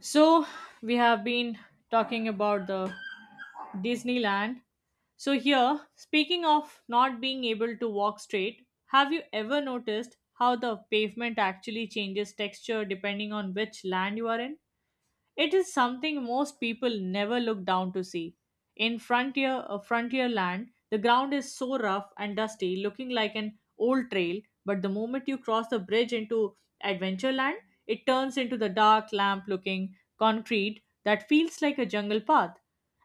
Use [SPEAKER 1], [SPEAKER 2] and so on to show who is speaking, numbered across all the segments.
[SPEAKER 1] So, we have been talking about the Disneyland. So, here, speaking of not being able to walk straight, have you ever noticed how the pavement actually changes texture depending on which land you are in? It is something most people never look down to see. In frontier land, the ground is so rough and dusty, looking like an old trail, but the moment you cross the bridge into adventure land, it turns into the dark lamp-looking concrete that feels like a jungle path.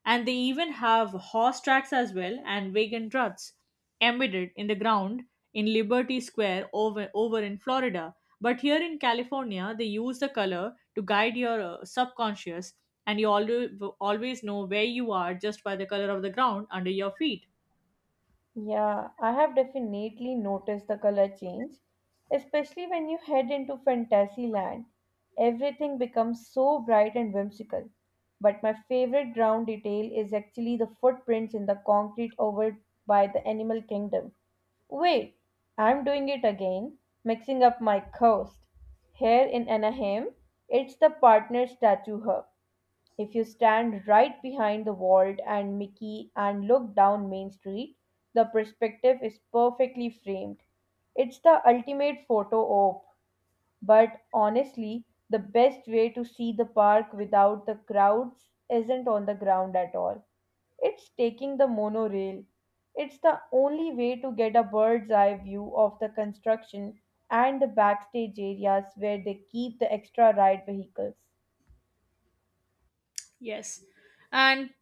[SPEAKER 1] And they even have horse tracks as well and wagon ruts embedded in the ground in Liberty Square over in Florida. But here in California, they use the color to guide your subconscious, and you always know where you are just by the color of the ground under your feet.
[SPEAKER 2] Yeah, I have definitely noticed the color change, especially when you head into fantasy land. Everything becomes so bright and whimsical. But my favorite ground detail is actually the footprints in the concrete over by the animal kingdom. Wait, I'm doing it again, mixing up my coast. Here in Anaheim, it's the partner statue hub. If you stand right behind the vault and Mickey and look down Main Street, the perspective is perfectly framed. It's the ultimate photo op, but honestly, the best way to see the park without the crowds isn't on the ground at all. It's taking the monorail. It's the only way to get a bird's eye view of the construction and the backstage areas where they keep the extra ride vehicles.
[SPEAKER 1] Yes. And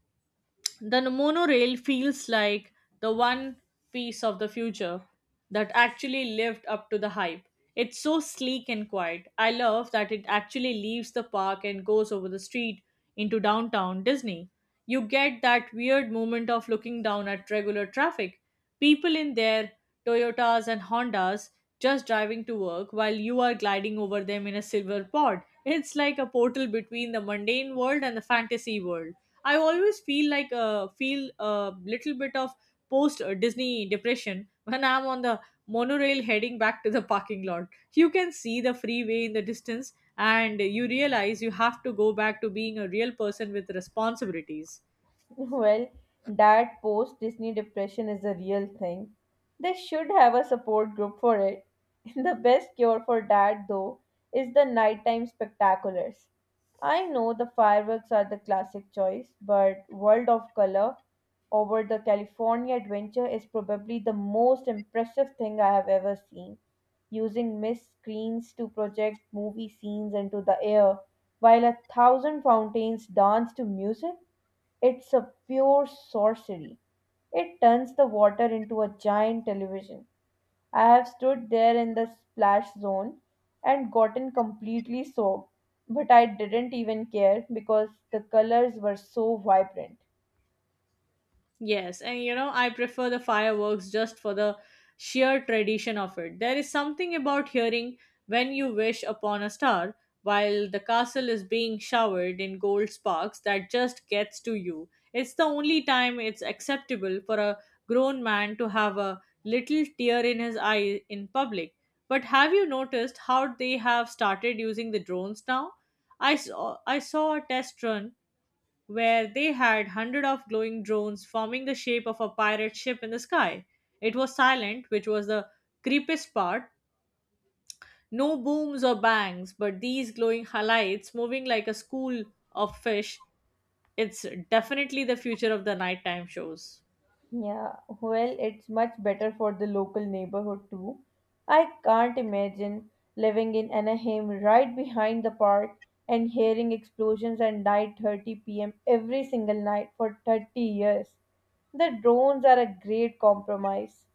[SPEAKER 1] the monorail feels like the one piece of the future that actually lived up to the hype. It's so sleek and quiet. I love that it actually leaves the park and goes over the street into downtown Disney. You get that weird moment of looking down at regular traffic. People in their Toyotas and Hondas just driving to work while you are gliding over them in a silver pod. It's like a portal between the mundane world and the fantasy world. I always feel a little bit of post Disney depression when I'm on the monorail heading back to the parking lot. You can see the freeway in the distance, and you realize you have to go back to being a real person with responsibilities.
[SPEAKER 2] Well, that post Disney depression is a real thing. They should have a support group for it. The best cure for that, though, is the nighttime spectaculars. I know the fireworks are the classic choice, but World of Color over the California Adventure is probably the most impressive thing I have ever seen. Using mist screens to project movie scenes into the air, while a thousand fountains dance to music? It's a pure sorcery. It turns the water into a giant television. I have stood there in the splash zone and gotten completely soaked, but I didn't even care because the colors were so vibrant.
[SPEAKER 1] Yes, and you know, I prefer the fireworks just for the sheer tradition of it. There is something about hearing when you wish upon a star while the castle is being showered in gold sparks that just gets to you. It's the only time it's acceptable for a grown man to have a little tear in his eye in public. But have you noticed how they have started using the drones now? I saw a test run where they had hundreds of glowing drones forming the shape of a pirate ship in the sky. It was silent, which was the creepiest part. No booms or bangs, but these glowing highlights moving like a school of fish. It's definitely the future of the nighttime shows.
[SPEAKER 2] Yeah, well, it's much better for the local neighborhood too. I can't imagine living in Anaheim right behind the park and hearing explosions at 9:30 p.m. every single night for 30 years. The drones are a great compromise.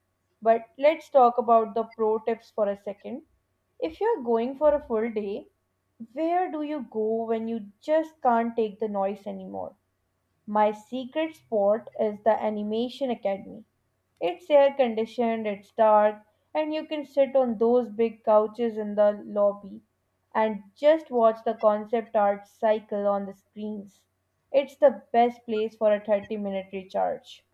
[SPEAKER 2] But let's talk about the pro tips for a second. If you're going for a full day, where do you go when you just can't take the noise anymore? My secret spot is the Animation Academy. It's air conditioned, it's dark, and you can sit on those big couches in the lobby and just watch the concept art cycle on the screens. It's the best place for a 30-minute recharge.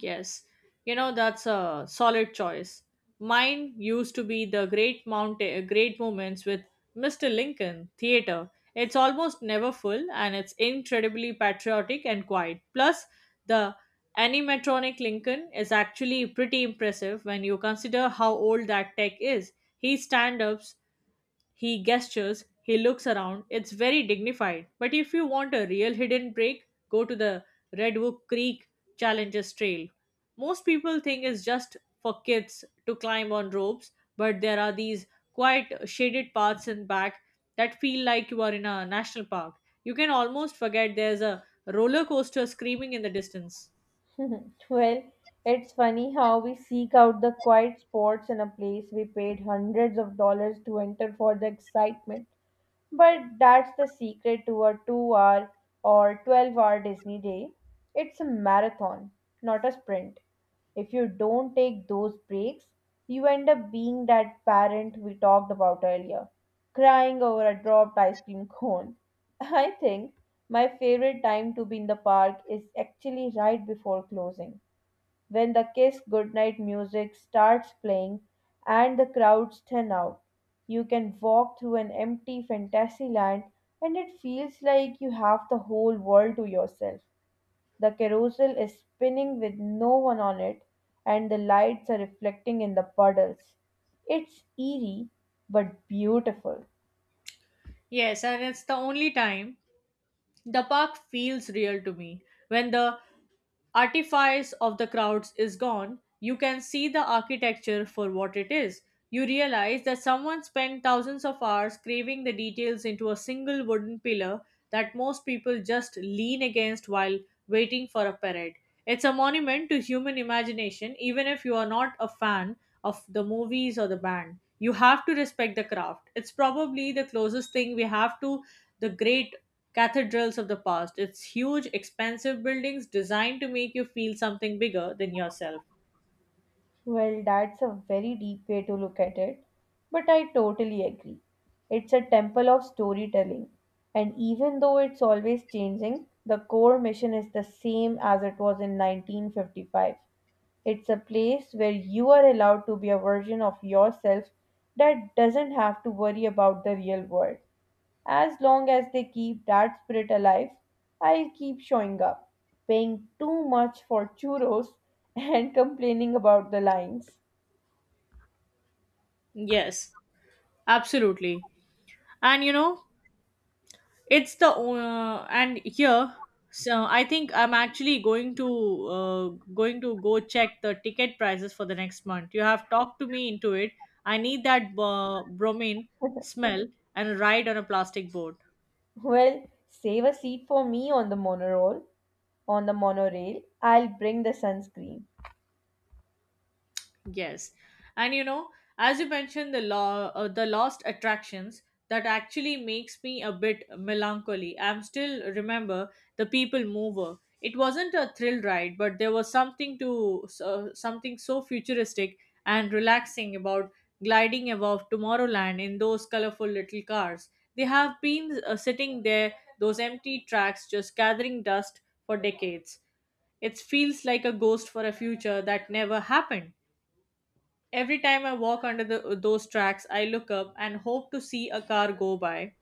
[SPEAKER 1] Yes, you know that's a solid choice. Mine used to be the great mountain, great moments with Mr. Lincoln Theater. It's almost never full, and it's incredibly patriotic and quiet. Plus, the animatronic Lincoln is actually pretty impressive when you consider how old that tech is. He stand-ups, he gestures, he looks around. It's very dignified. But if you want a real hidden break, go to the Redwood Creek Challenges Trail. Most people think it's just for kids to climb on ropes, but there are these quiet, shaded paths in back that feel like you are in a national park. You can almost forget there's a roller coaster screaming in the distance.
[SPEAKER 2] Well, it's funny how we seek out the quiet spots in a place we paid hundreds of dollars to enter for the excitement. But that's the secret to a 2 hour or 12-hour Disney day. It's a marathon, not a sprint. If you don't take those breaks, you end up being that parent we talked about earlier, crying over a dropped ice cream cone. I think my favorite time to be in the park is actually right before closing, when the kiss goodnight music starts playing and the crowds thin out. You can walk through an empty fantasy land and it feels like you have the whole world to yourself. The carousel is spinning with no one on it, and the lights are reflecting in the puddles. It's eerie but beautiful.
[SPEAKER 1] Yes, and it's the only time the park feels real to me. When the artifice of the crowds is gone, you can see the architecture for what it is. You realize that someone spent thousands of hours craving the details into a single wooden pillar that most people just lean against while waiting for a parade. It's a monument to human imagination, even if you are not a fan of the movies or the band. You have to respect the craft. It's probably the closest thing we have to the great Cathedrals of the past. It's huge, expensive buildings designed to make you feel something bigger than yourself.
[SPEAKER 2] Well, that's a very deep way to look at it, but I totally agree. It's a temple of storytelling, and even though it's always changing, the core mission is the same as it was in 1955. It's a place where you are allowed to be a version of yourself that doesn't have to worry about the real world. As long as they keep that spirit alive, I'll keep showing up, paying too much for churros and complaining about the lines.
[SPEAKER 1] Yes, absolutely. And you know, it's the and here so I think I'm actually going to go check the ticket prices for the next month. You have talked to me into it. I need that bromine smell and a ride on a plastic boat.
[SPEAKER 2] Well, save a seat for me on the monorail. On the monorail, I'll bring the sunscreen.
[SPEAKER 1] Yes. And you know, as you mentioned the lost attractions that actually makes me a bit melancholy. I'm still remember the people mover. It wasn't a thrill ride, but there was something so futuristic and relaxing about gliding above Tomorrowland in those colorful little cars. They have been sitting there, those empty tracks just gathering dust for decades. It feels like a ghost for a future that never happened. Every time I walk under those tracks, I look up and hope to see a car go by,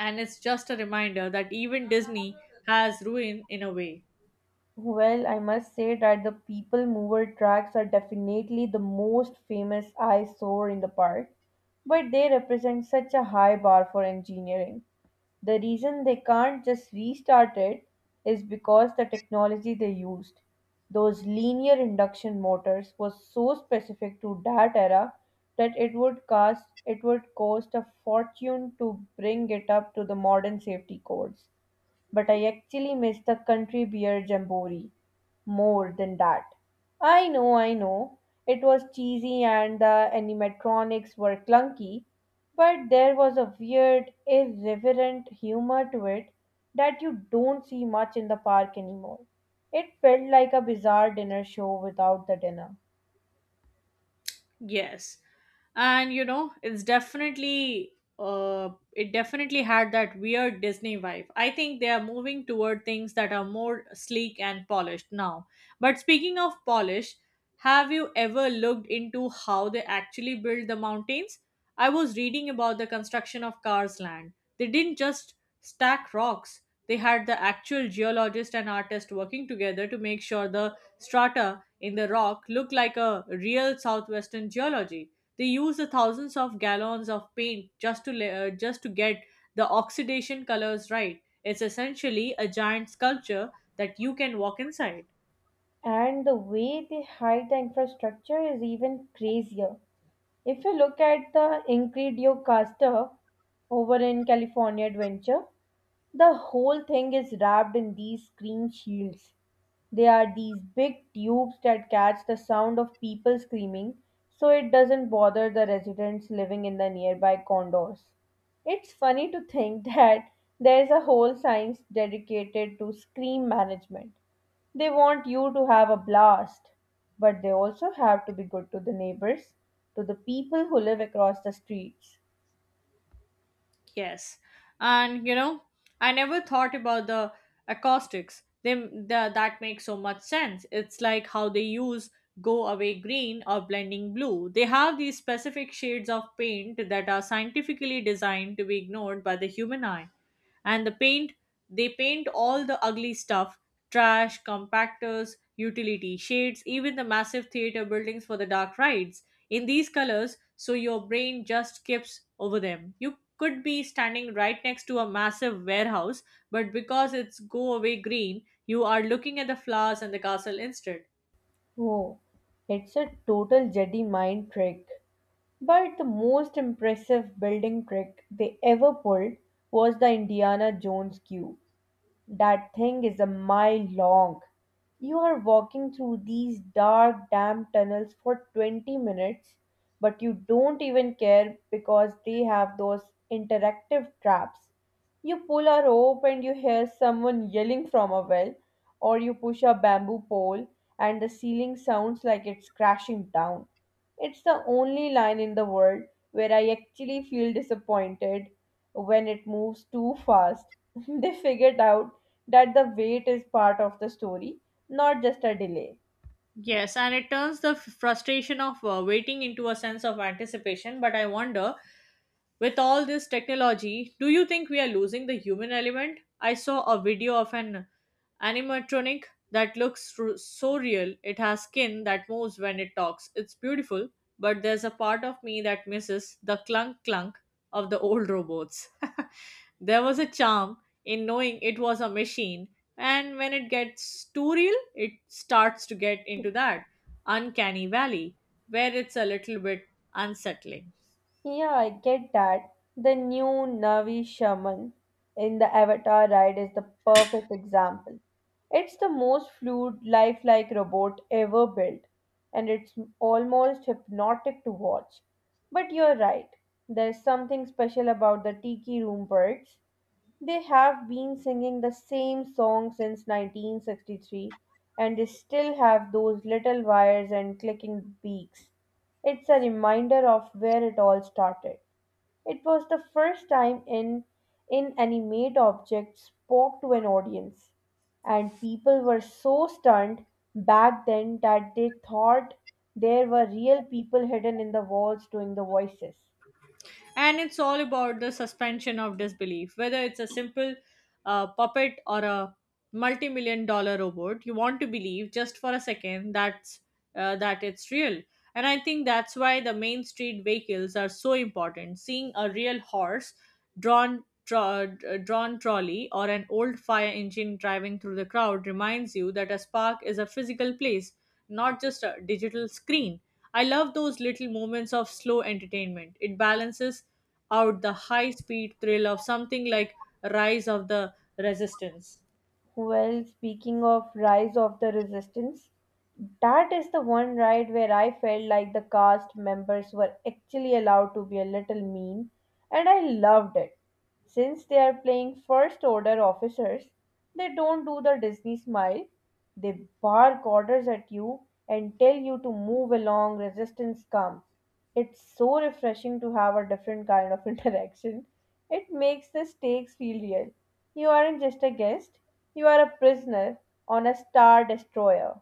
[SPEAKER 1] and it's just a reminder that even Disney has ruin in a way.
[SPEAKER 2] Well, I must say that the people mover tracks are definitely the most famous eyesore in the park, but they represent such a high bar for engineering. The reason they can't just restart it is because the technology they used, those linear induction motors, was so specific to that era that it would cost a fortune to bring it up to the modern safety codes. But I actually miss the country beer jamboree more than that. I know, I know. It was cheesy and the animatronics were clunky, but there was a weird, irreverent humor to it that you don't see much in the park anymore. It felt like a bizarre dinner show without the dinner.
[SPEAKER 1] Yes. And you know, it's definitely it definitely had that weird Disney vibe. I think they are moving toward things that are more sleek and polished now. But speaking of polish, have you ever looked into how they actually build the mountains? I was reading about the construction of Cars Land. They didn't just stack rocks. They had the actual geologist and artist working together to make sure the strata in the rock look like a real southwestern geology. They use the thousands of gallons of paint just to get the oxidation colors right. It's essentially a giant sculpture that you can walk inside.
[SPEAKER 2] And the way they hide the infrastructure is even crazier. If you look at the Encredico Castle over in California Adventure, the whole thing is wrapped in these screen shields. They are these big tubes that catch the sound of people screaming so it doesn't bother the residents living in the nearby condos. It's funny to think that there's a whole science dedicated to scream management. They want you to have a blast, but they also have to be good to the neighbors, to the people who live across the streets.
[SPEAKER 1] Yes, and you know, I never thought about the acoustics. That makes so much sense. It's like how they use go away green or blending blue. They have these specific shades of paint that are scientifically designed to be ignored by the human eye. And the paint, they paint all the ugly stuff, trash compactors, utility shades, even the massive theater buildings for the dark rides, in these colors, so your brain just skips over them. You could be standing right next to a massive warehouse, but because it's go away green, you are looking at the flowers and the castle instead.
[SPEAKER 2] Oh, it's a total Jedi mind trick. But the most impressive building trick they ever pulled was the Indiana Jones queue. That thing is a mile long. You are walking through these dark, damp tunnels for 20 minutes, but you don't even care because they have those interactive traps. You pull a rope and you hear someone yelling from a well, or you push a bamboo pole and the ceiling sounds like it's crashing down. It's the only line in the world where I actually feel disappointed when it moves too fast. They figured out that the wait is part of the story, not just a delay.
[SPEAKER 1] Yes, and it turns the frustration of waiting into a sense of anticipation. But I wonder, with all this technology, do you think we are losing the human element? I saw a video of an animatronic that looks so real. It has skin that moves when it talks. It's beautiful, but there's a part of me that misses the clunk clunk of the old robots. There was a charm in knowing it was a machine, and when it gets too real, it starts to get into that uncanny valley where it's a little bit unsettling.
[SPEAKER 2] Yeah, I get that. The new Navi shaman in the Avatar ride is the perfect example. It's the most fluid, lifelike robot ever built, and it's almost hypnotic to watch. But you're right, there's something special about the Tiki Room Birds. They have been singing the same song since 1963 and they still have those little wires and clicking beaks. It's a reminder of where it all started. It was the first time an inanimate object spoke to an audience, and people were so stunned back then that they thought there were real people hidden in the walls doing the voices.
[SPEAKER 1] And it's all about the suspension of disbelief. Whether it's a simple puppet or a multi-million-dollar robot, you want to believe, just for a second, that it's real. And I think that's why the main street vehicles are so important. Seeing a real horse drawn trolley or an old fire engine driving through the crowd reminds you that a spark is a physical place, not just a digital screen. I love those little moments of slow entertainment. It balances out the high speed thrill of something like rise of the resistance.
[SPEAKER 2] Well, speaking of Rise of the Resistance, that is the one ride where I felt like the cast members were actually allowed to be a little mean, and I loved it. Since they are playing first order officers, they don't do the Disney smile. They bark orders at you and tell you to move along, resistance come. It's so refreshing to have a different kind of interaction. It makes the stakes feel real. You aren't just a guest, you are a prisoner on a star destroyer.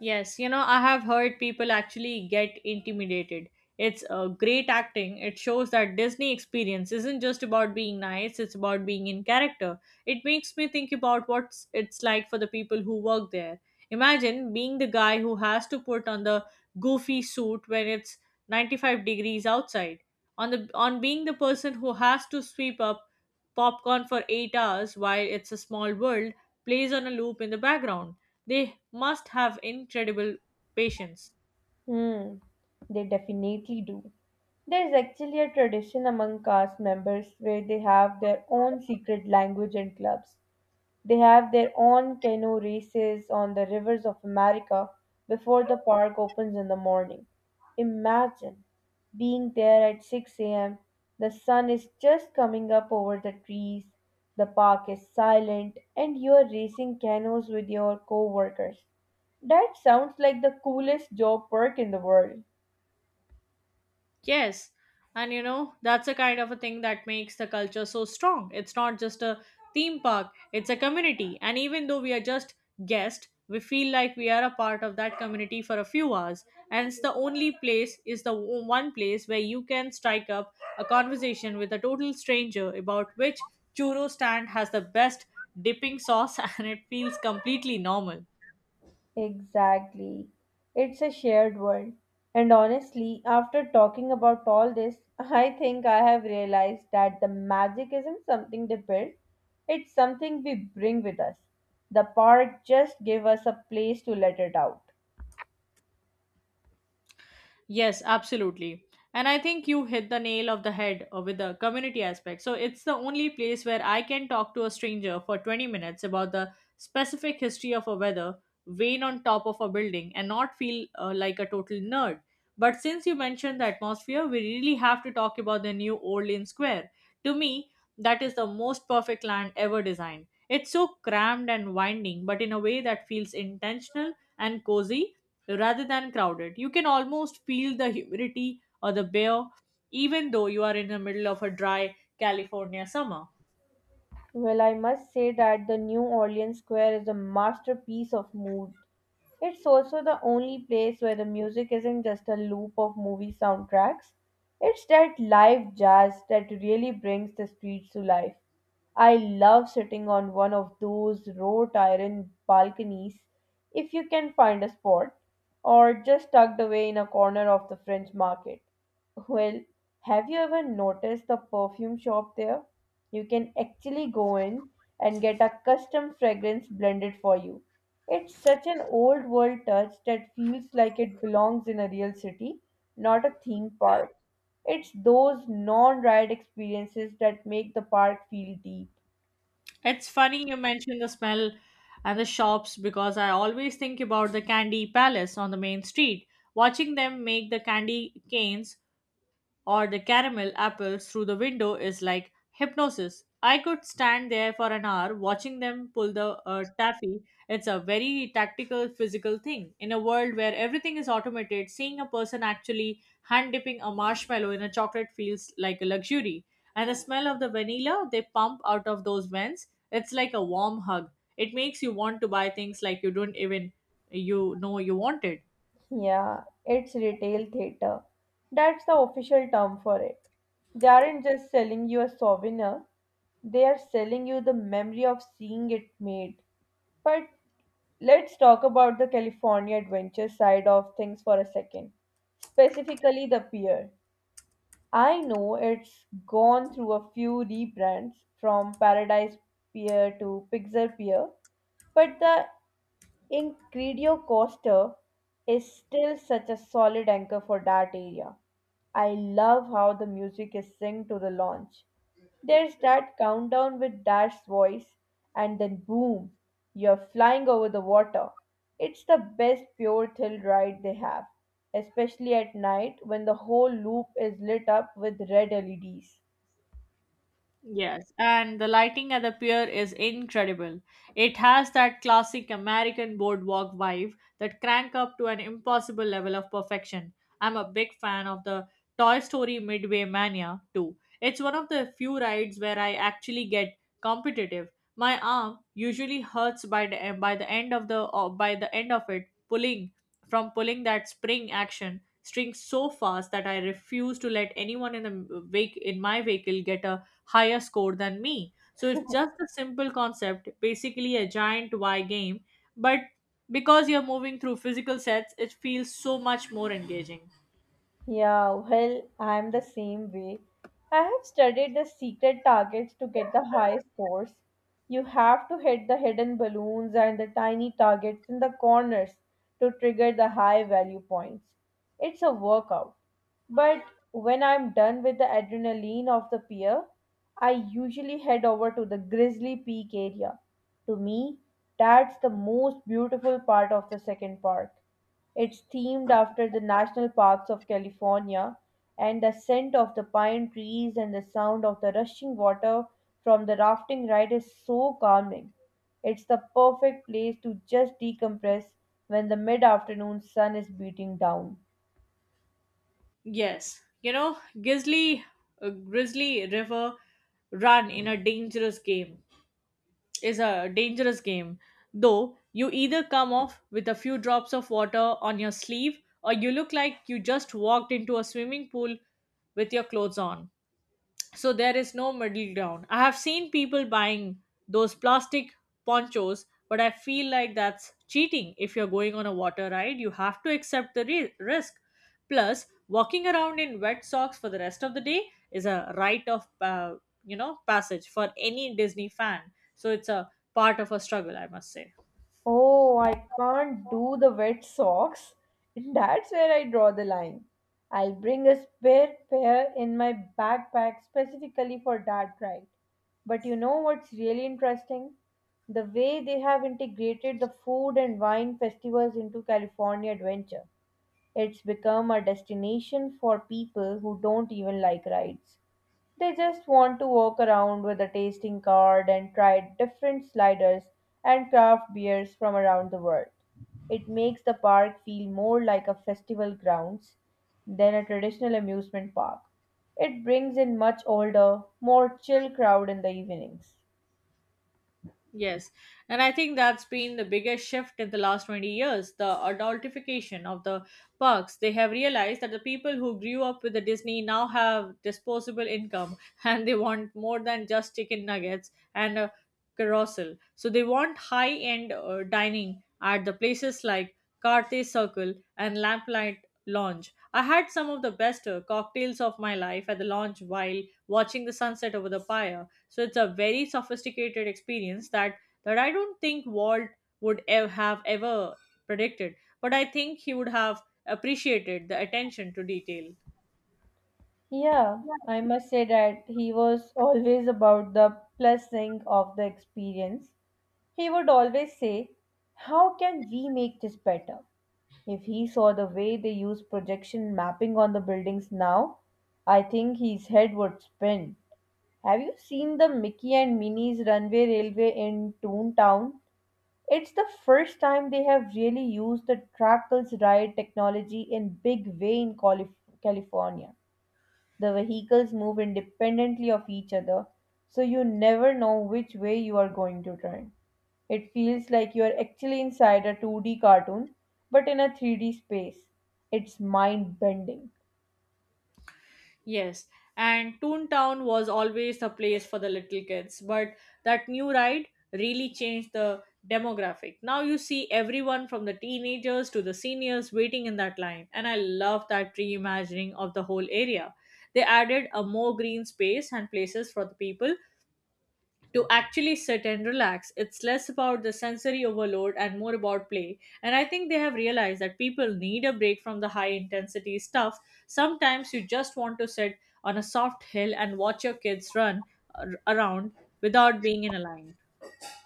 [SPEAKER 1] Yes, you know, I have heard people actually get intimidated. It's great acting. It shows that Disney experience isn't just about being nice, it's about being in character. It makes me think about what it's like for the people who work there. Imagine being the guy who has to put on the goofy suit when it's 95 degrees outside. On the on being the person who has to sweep up popcorn for 8 hours while It's a Small World plays on a loop in the background. They must have incredible patience.
[SPEAKER 2] Hmm, they definitely do. There's actually a tradition among cast members where they have their own secret language and clubs. They have their own canoe races on the rivers of America before the park opens in the morning. Imagine being there at 6 a.m. The sun is just coming up over the trees, the park is silent, and you are racing canoes with your co-workers. That sounds like the coolest job perk in the world.
[SPEAKER 1] Yes. And you know, that's a kind of a thing that makes the culture so strong. It's not just a theme park, it's a community. And even though we are just guests, we feel like we are a part of that community for a few hours. And it's the only place, is the o- one place where you can strike up a conversation with a total stranger about which churro stand has the best dipping sauce and it feels completely normal.
[SPEAKER 2] Exactly. It's a shared world. And honestly, after talking about all this, I think I have realized that the magic isn't something they build, it's something we bring with us. The park just gave us a place to let it out.
[SPEAKER 1] Yes, absolutely. And I think you hit the nail of the head with the community aspect. So it's the only place where I can talk to a stranger for 20 minutes about the specific history of a weather vane on top of a building and not feel like a total nerd. But since you mentioned the atmosphere, we really have to talk about the new Orleans Square. To me, that is the most perfect land ever designed. It's so crammed and winding, but in a way that feels intentional and cozy rather than crowded. You can almost feel the humidity or the bear, even though you are in the middle of a dry California summer.
[SPEAKER 2] Well, I must say that the New Orleans Square is a masterpiece of mood. It's also the only place where the music isn't just a loop of movie soundtracks. It's that live jazz that really brings the streets to life. I love sitting on one of those wrought iron balconies if you can find a spot, or just tucked away in a corner of the French market. Well, have you ever noticed the perfume shop there? You can actually go in and get a custom fragrance blended for you. It's such an old world touch that feels like it belongs in a real city, not a theme park. It's those non ride experiences that make the park feel deep.
[SPEAKER 1] It's funny you mentioned the smell and the shops because I always think about the Candy Palace on the main street. Watching them make the candy canes or the caramel apples through the window is like hypnosis. I could stand there for an hour watching them pull the taffy. It's a very tactical, physical thing. In a world where everything is automated, seeing a person actually hand dipping a marshmallow in a chocolate feels like a luxury. And the smell of the vanilla they pump out of those vents, it's like a warm hug. It makes you want to buy things like you don't even you wanted.
[SPEAKER 2] Yeah, it's retail theater. That's the official term for it. They aren't just selling you a souvenir, they are selling you the memory of seeing it made. But let's talk about the California adventure side of things for a second, specifically the pier. I know it's gone through a few rebrands from Paradise Pier to Pixar Pier, but the Incredio Costa is still such a solid anchor for that area. I love how the music is synced to the launch. There's that countdown with Dash's voice, and then boom, you're flying over the water. It's the best pure thrill ride they have, especially at night when the whole loop is lit up with red LEDs.
[SPEAKER 1] Yes, and the lighting at the pier is incredible. It has that classic American boardwalk vibe that crank up to an impossible level of perfection. I'm a big fan of the Toy Story Midway Mania too. It's one of the few rides where I actually get competitive. My arm usually hurts by the end of it pulling from pulling that spring action string so fast that I refuse to let anyone in the wake in my vehicle get a higher score than me. So it's just a simple concept, basically a giant Y game, but because you're moving through physical sets, it feels so much more engaging.
[SPEAKER 2] Yeah, well, I'm the same way. I have studied the secret targets to get the high scores. You have to hit the hidden balloons and the tiny targets in the corners to trigger the high value points. It's a workout. But when I'm done with the adrenaline of the pier, I usually head over to the Grizzly Peak area. To me, that's the most beautiful part of the second park. It's themed after the national parks of California, and the scent of the pine trees and the sound of the rushing water from the rafting ride is so calming. It's the perfect place to just decompress when the mid afternoon sun is beating down.
[SPEAKER 1] Yes, you know, Grizzly River Run in a dangerous game is a dangerous game, though you either come off with a few drops of water on your sleeve or you look like you just walked into a swimming pool with your clothes on. So there is no middle ground. I have seen people buying those plastic ponchos, but I feel like that's cheating. If you're going on a water ride, you have to accept the risk. Plus, walking around in wet socks for the rest of the day is a rite of passage for any Disney fan. So it's a part of a struggle, I must say.
[SPEAKER 2] Oh, I can't do the wet socks. That's where I draw the line. I'll bring a spare pair in my backpack specifically for that ride. But you know what's really interesting? The way they have integrated the food and wine festivals into California Adventure. It's become a destination for people who don't even like rides. They just want to walk around with a tasting card and try different sliders and craft beers from around the world. It makes the park feel more like a festival grounds than a traditional amusement park. It brings in much older, more chill crowd in the evenings.
[SPEAKER 1] Yes, and I think that's been the biggest shift in the last 20 years, the adultification of the parks. They have realized that the people who grew up with the Disney now have disposable income and they want more than just chicken nuggets and a carousel. So they want high end dining at the places like Carthay Circle and Lamplight Lounge. I had some of the best cocktails of my life at the lounge while watching the sunset over the pier. So it's a very sophisticated experience that I don't think Walt would have ever predicted, but I think he would have appreciated the attention to detail.
[SPEAKER 2] Yeah, I must say that he was always about the blessing of the experience. He would always say, how can we make this better? If he saw the way they use projection mapping on the buildings now, I think his head would spin. Have you seen the Mickey and Minnie's runway railway in Toontown? It's the first time they have really used the Trackles Ride technology in big way in California. The vehicles move independently of each other, so you never know which way you are going to turn. It feels like you are actually inside a 2D cartoon, but in a 3D space. It's mind bending.
[SPEAKER 1] Yes, and Toontown was always the place for the little kids, but that new ride really changed the demographic. Now you see everyone from the teenagers to the seniors waiting in that line, and I love that reimagining of the whole area. They added a more green space and places for the people to actually sit and relax. It's less about the sensory overload and more about play. And I think they have realized that people need a break from the high intensity stuff. Sometimes you just want to sit on a soft hill and watch your kids run around without being in a line.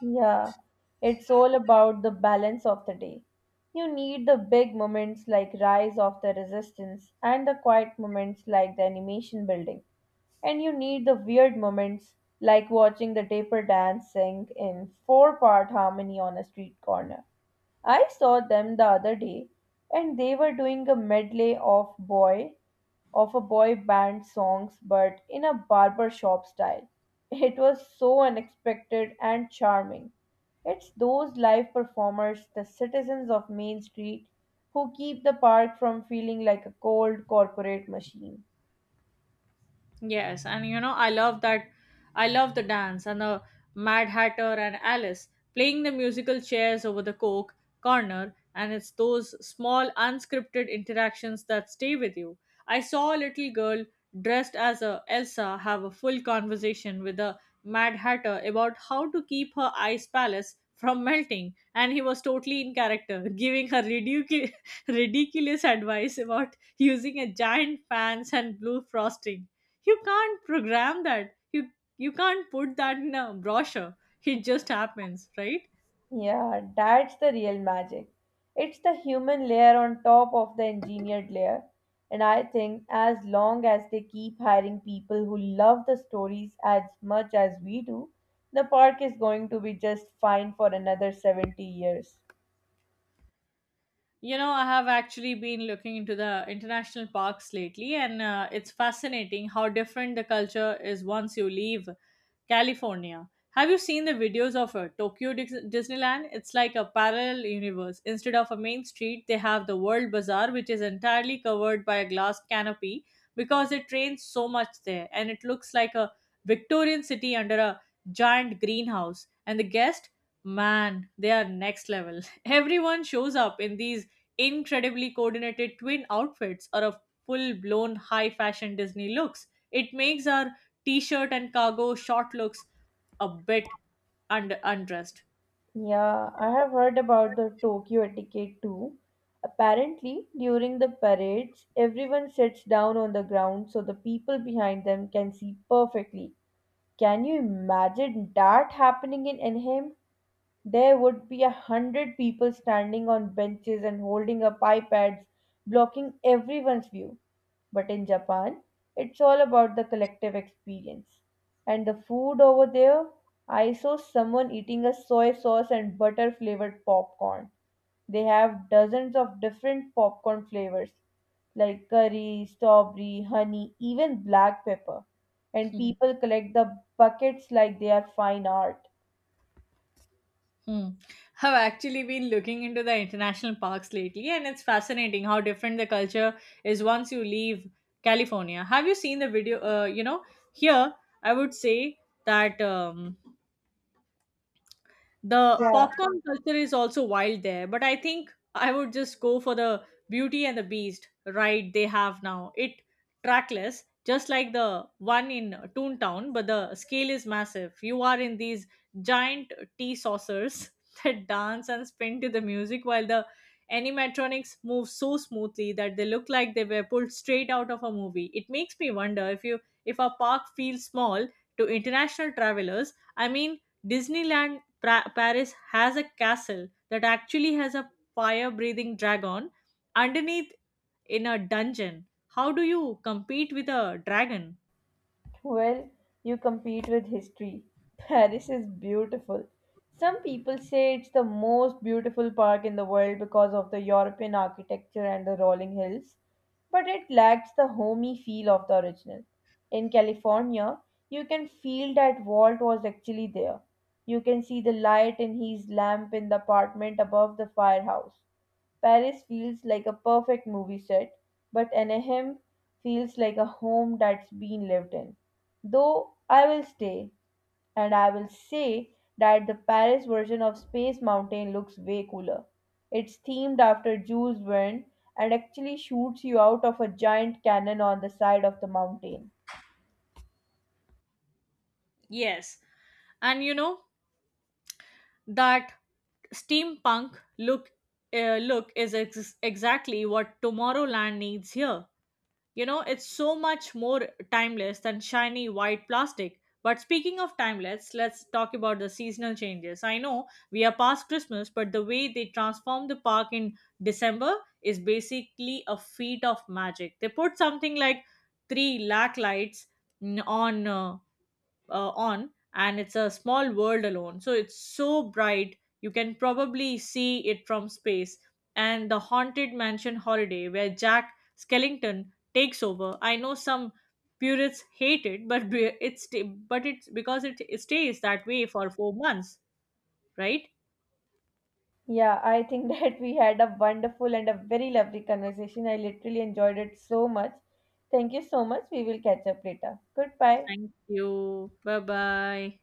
[SPEAKER 2] Yeah, it's all about the balance of the day. You need the big moments like Rise of the Resistance and the quiet moments like the animation building. And you need the weird moments like watching the taper dance sing in four-part harmony on a street corner. I saw them the other day and they were doing a medley of boy of a boy band songs but in a barber shop style. It was so unexpected and charming. It's those live performers, the citizens of Main Street, who keep the park from feeling like a cold corporate machine.
[SPEAKER 1] Yes, and you know, I love that. I love the dance and the Mad Hatter and Alice playing the musical chairs over the Coke corner, and it's those small, unscripted interactions that stay with you. I saw a little girl dressed as a Elsa have a full conversation with the Mad Hatter about how to keep her ice palace from melting, and he was totally in character, giving her ridiculous advice about using a giant fans and blue frosting. You can't program that. You can't put that in a brochure. It just happens, right?
[SPEAKER 2] Yeah, that's the real magic. It's the human layer on top of the engineered layer. And I think as long as they keep hiring people who love the stories as much as we do, the park is going to be just fine for another 70 years.
[SPEAKER 1] You know, I have actually been looking into the international parks lately, and it's fascinating how different the culture is once you leave California. Have you seen the videos of Disneyland? It's like a parallel universe. Instead of a main street, they have the World Bazaar, which is entirely covered by a glass canopy because it rains so much there, and it looks like a Victorian city under a giant greenhouse. And the guest man they are next level. Everyone shows up in these incredibly coordinated twin outfits or a full blown high fashion Disney looks. It makes our t shirt and cargo short looks a bit undressed.
[SPEAKER 2] Yeah, I have heard about the Tokyo etiquette too. Apparently, during the parades, everyone sits down on the ground so the people behind them can see perfectly. Can you imagine that happening in Anaheim? There would be 100 people standing on benches and holding up iPads, blocking everyone's view. But in Japan, it's all about the collective experience. And the food over there, I saw someone eating a soy sauce and butter flavored popcorn. They have dozens of different popcorn flavors like curry, strawberry, honey, even black pepper. And
[SPEAKER 1] Hmm.
[SPEAKER 2] people collect the buckets like they are fine art.
[SPEAKER 1] Hmm. I've actually been looking into the international parks lately, and it's fascinating how different the culture is once you leave California. Have you seen the video? Here I would say that the
[SPEAKER 2] Yeah.
[SPEAKER 1] popcorn culture is also wild there, but I think I would just go for the Beauty and the Beast ride they have now. It trackless, just like the one in Toontown, but the scale is massive. You are in these giant tea saucers that dance and spin to the music while the animatronics move so smoothly that they look like they were pulled straight out of a movie. It makes me wonder if our park feels small to international travelers. I mean, Disneyland Paris has a castle that actually has a fire breathing dragon underneath in a dungeon. How do you compete with a dragon?
[SPEAKER 2] Well, you compete with history. Paris is beautiful. Some people say it's the most beautiful park in the world because of the European architecture and the rolling hills, but it lacks the homey feel of the original. In California, you can feel that Walt was actually there. You can see the light in his lamp in the apartment above the firehouse. Paris feels like a perfect movie set, but Anaheim feels like a home that's been lived in. Though I will stay, and I will say that the Paris version of Space Mountain looks way cooler. It's themed after Jules Verne and actually shoots you out of a giant cannon on the side of the mountain.
[SPEAKER 1] Yes. And you know that steampunk look is exactly what Tomorrowland needs here. You know, it's so much more timeless than shiny white plastic. But speaking of timeless, let's talk about the seasonal changes. I know we are past Christmas, but the way they transform the park in December is basically a feat of magic. They put something like 3 lakh lights mm, on uh, on and it's a small world alone, so it's so bright you can probably see it from space. And the Haunted Mansion Holiday where Jack Skellington takes over, I know some purists hate it, but it's because it stays that way for 4 months, right?
[SPEAKER 2] Yeah, I think that we had a wonderful and a very lovely conversation. I literally enjoyed it so much. Thank you so much. We will catch up later. Goodbye.
[SPEAKER 1] Thank you, bye bye.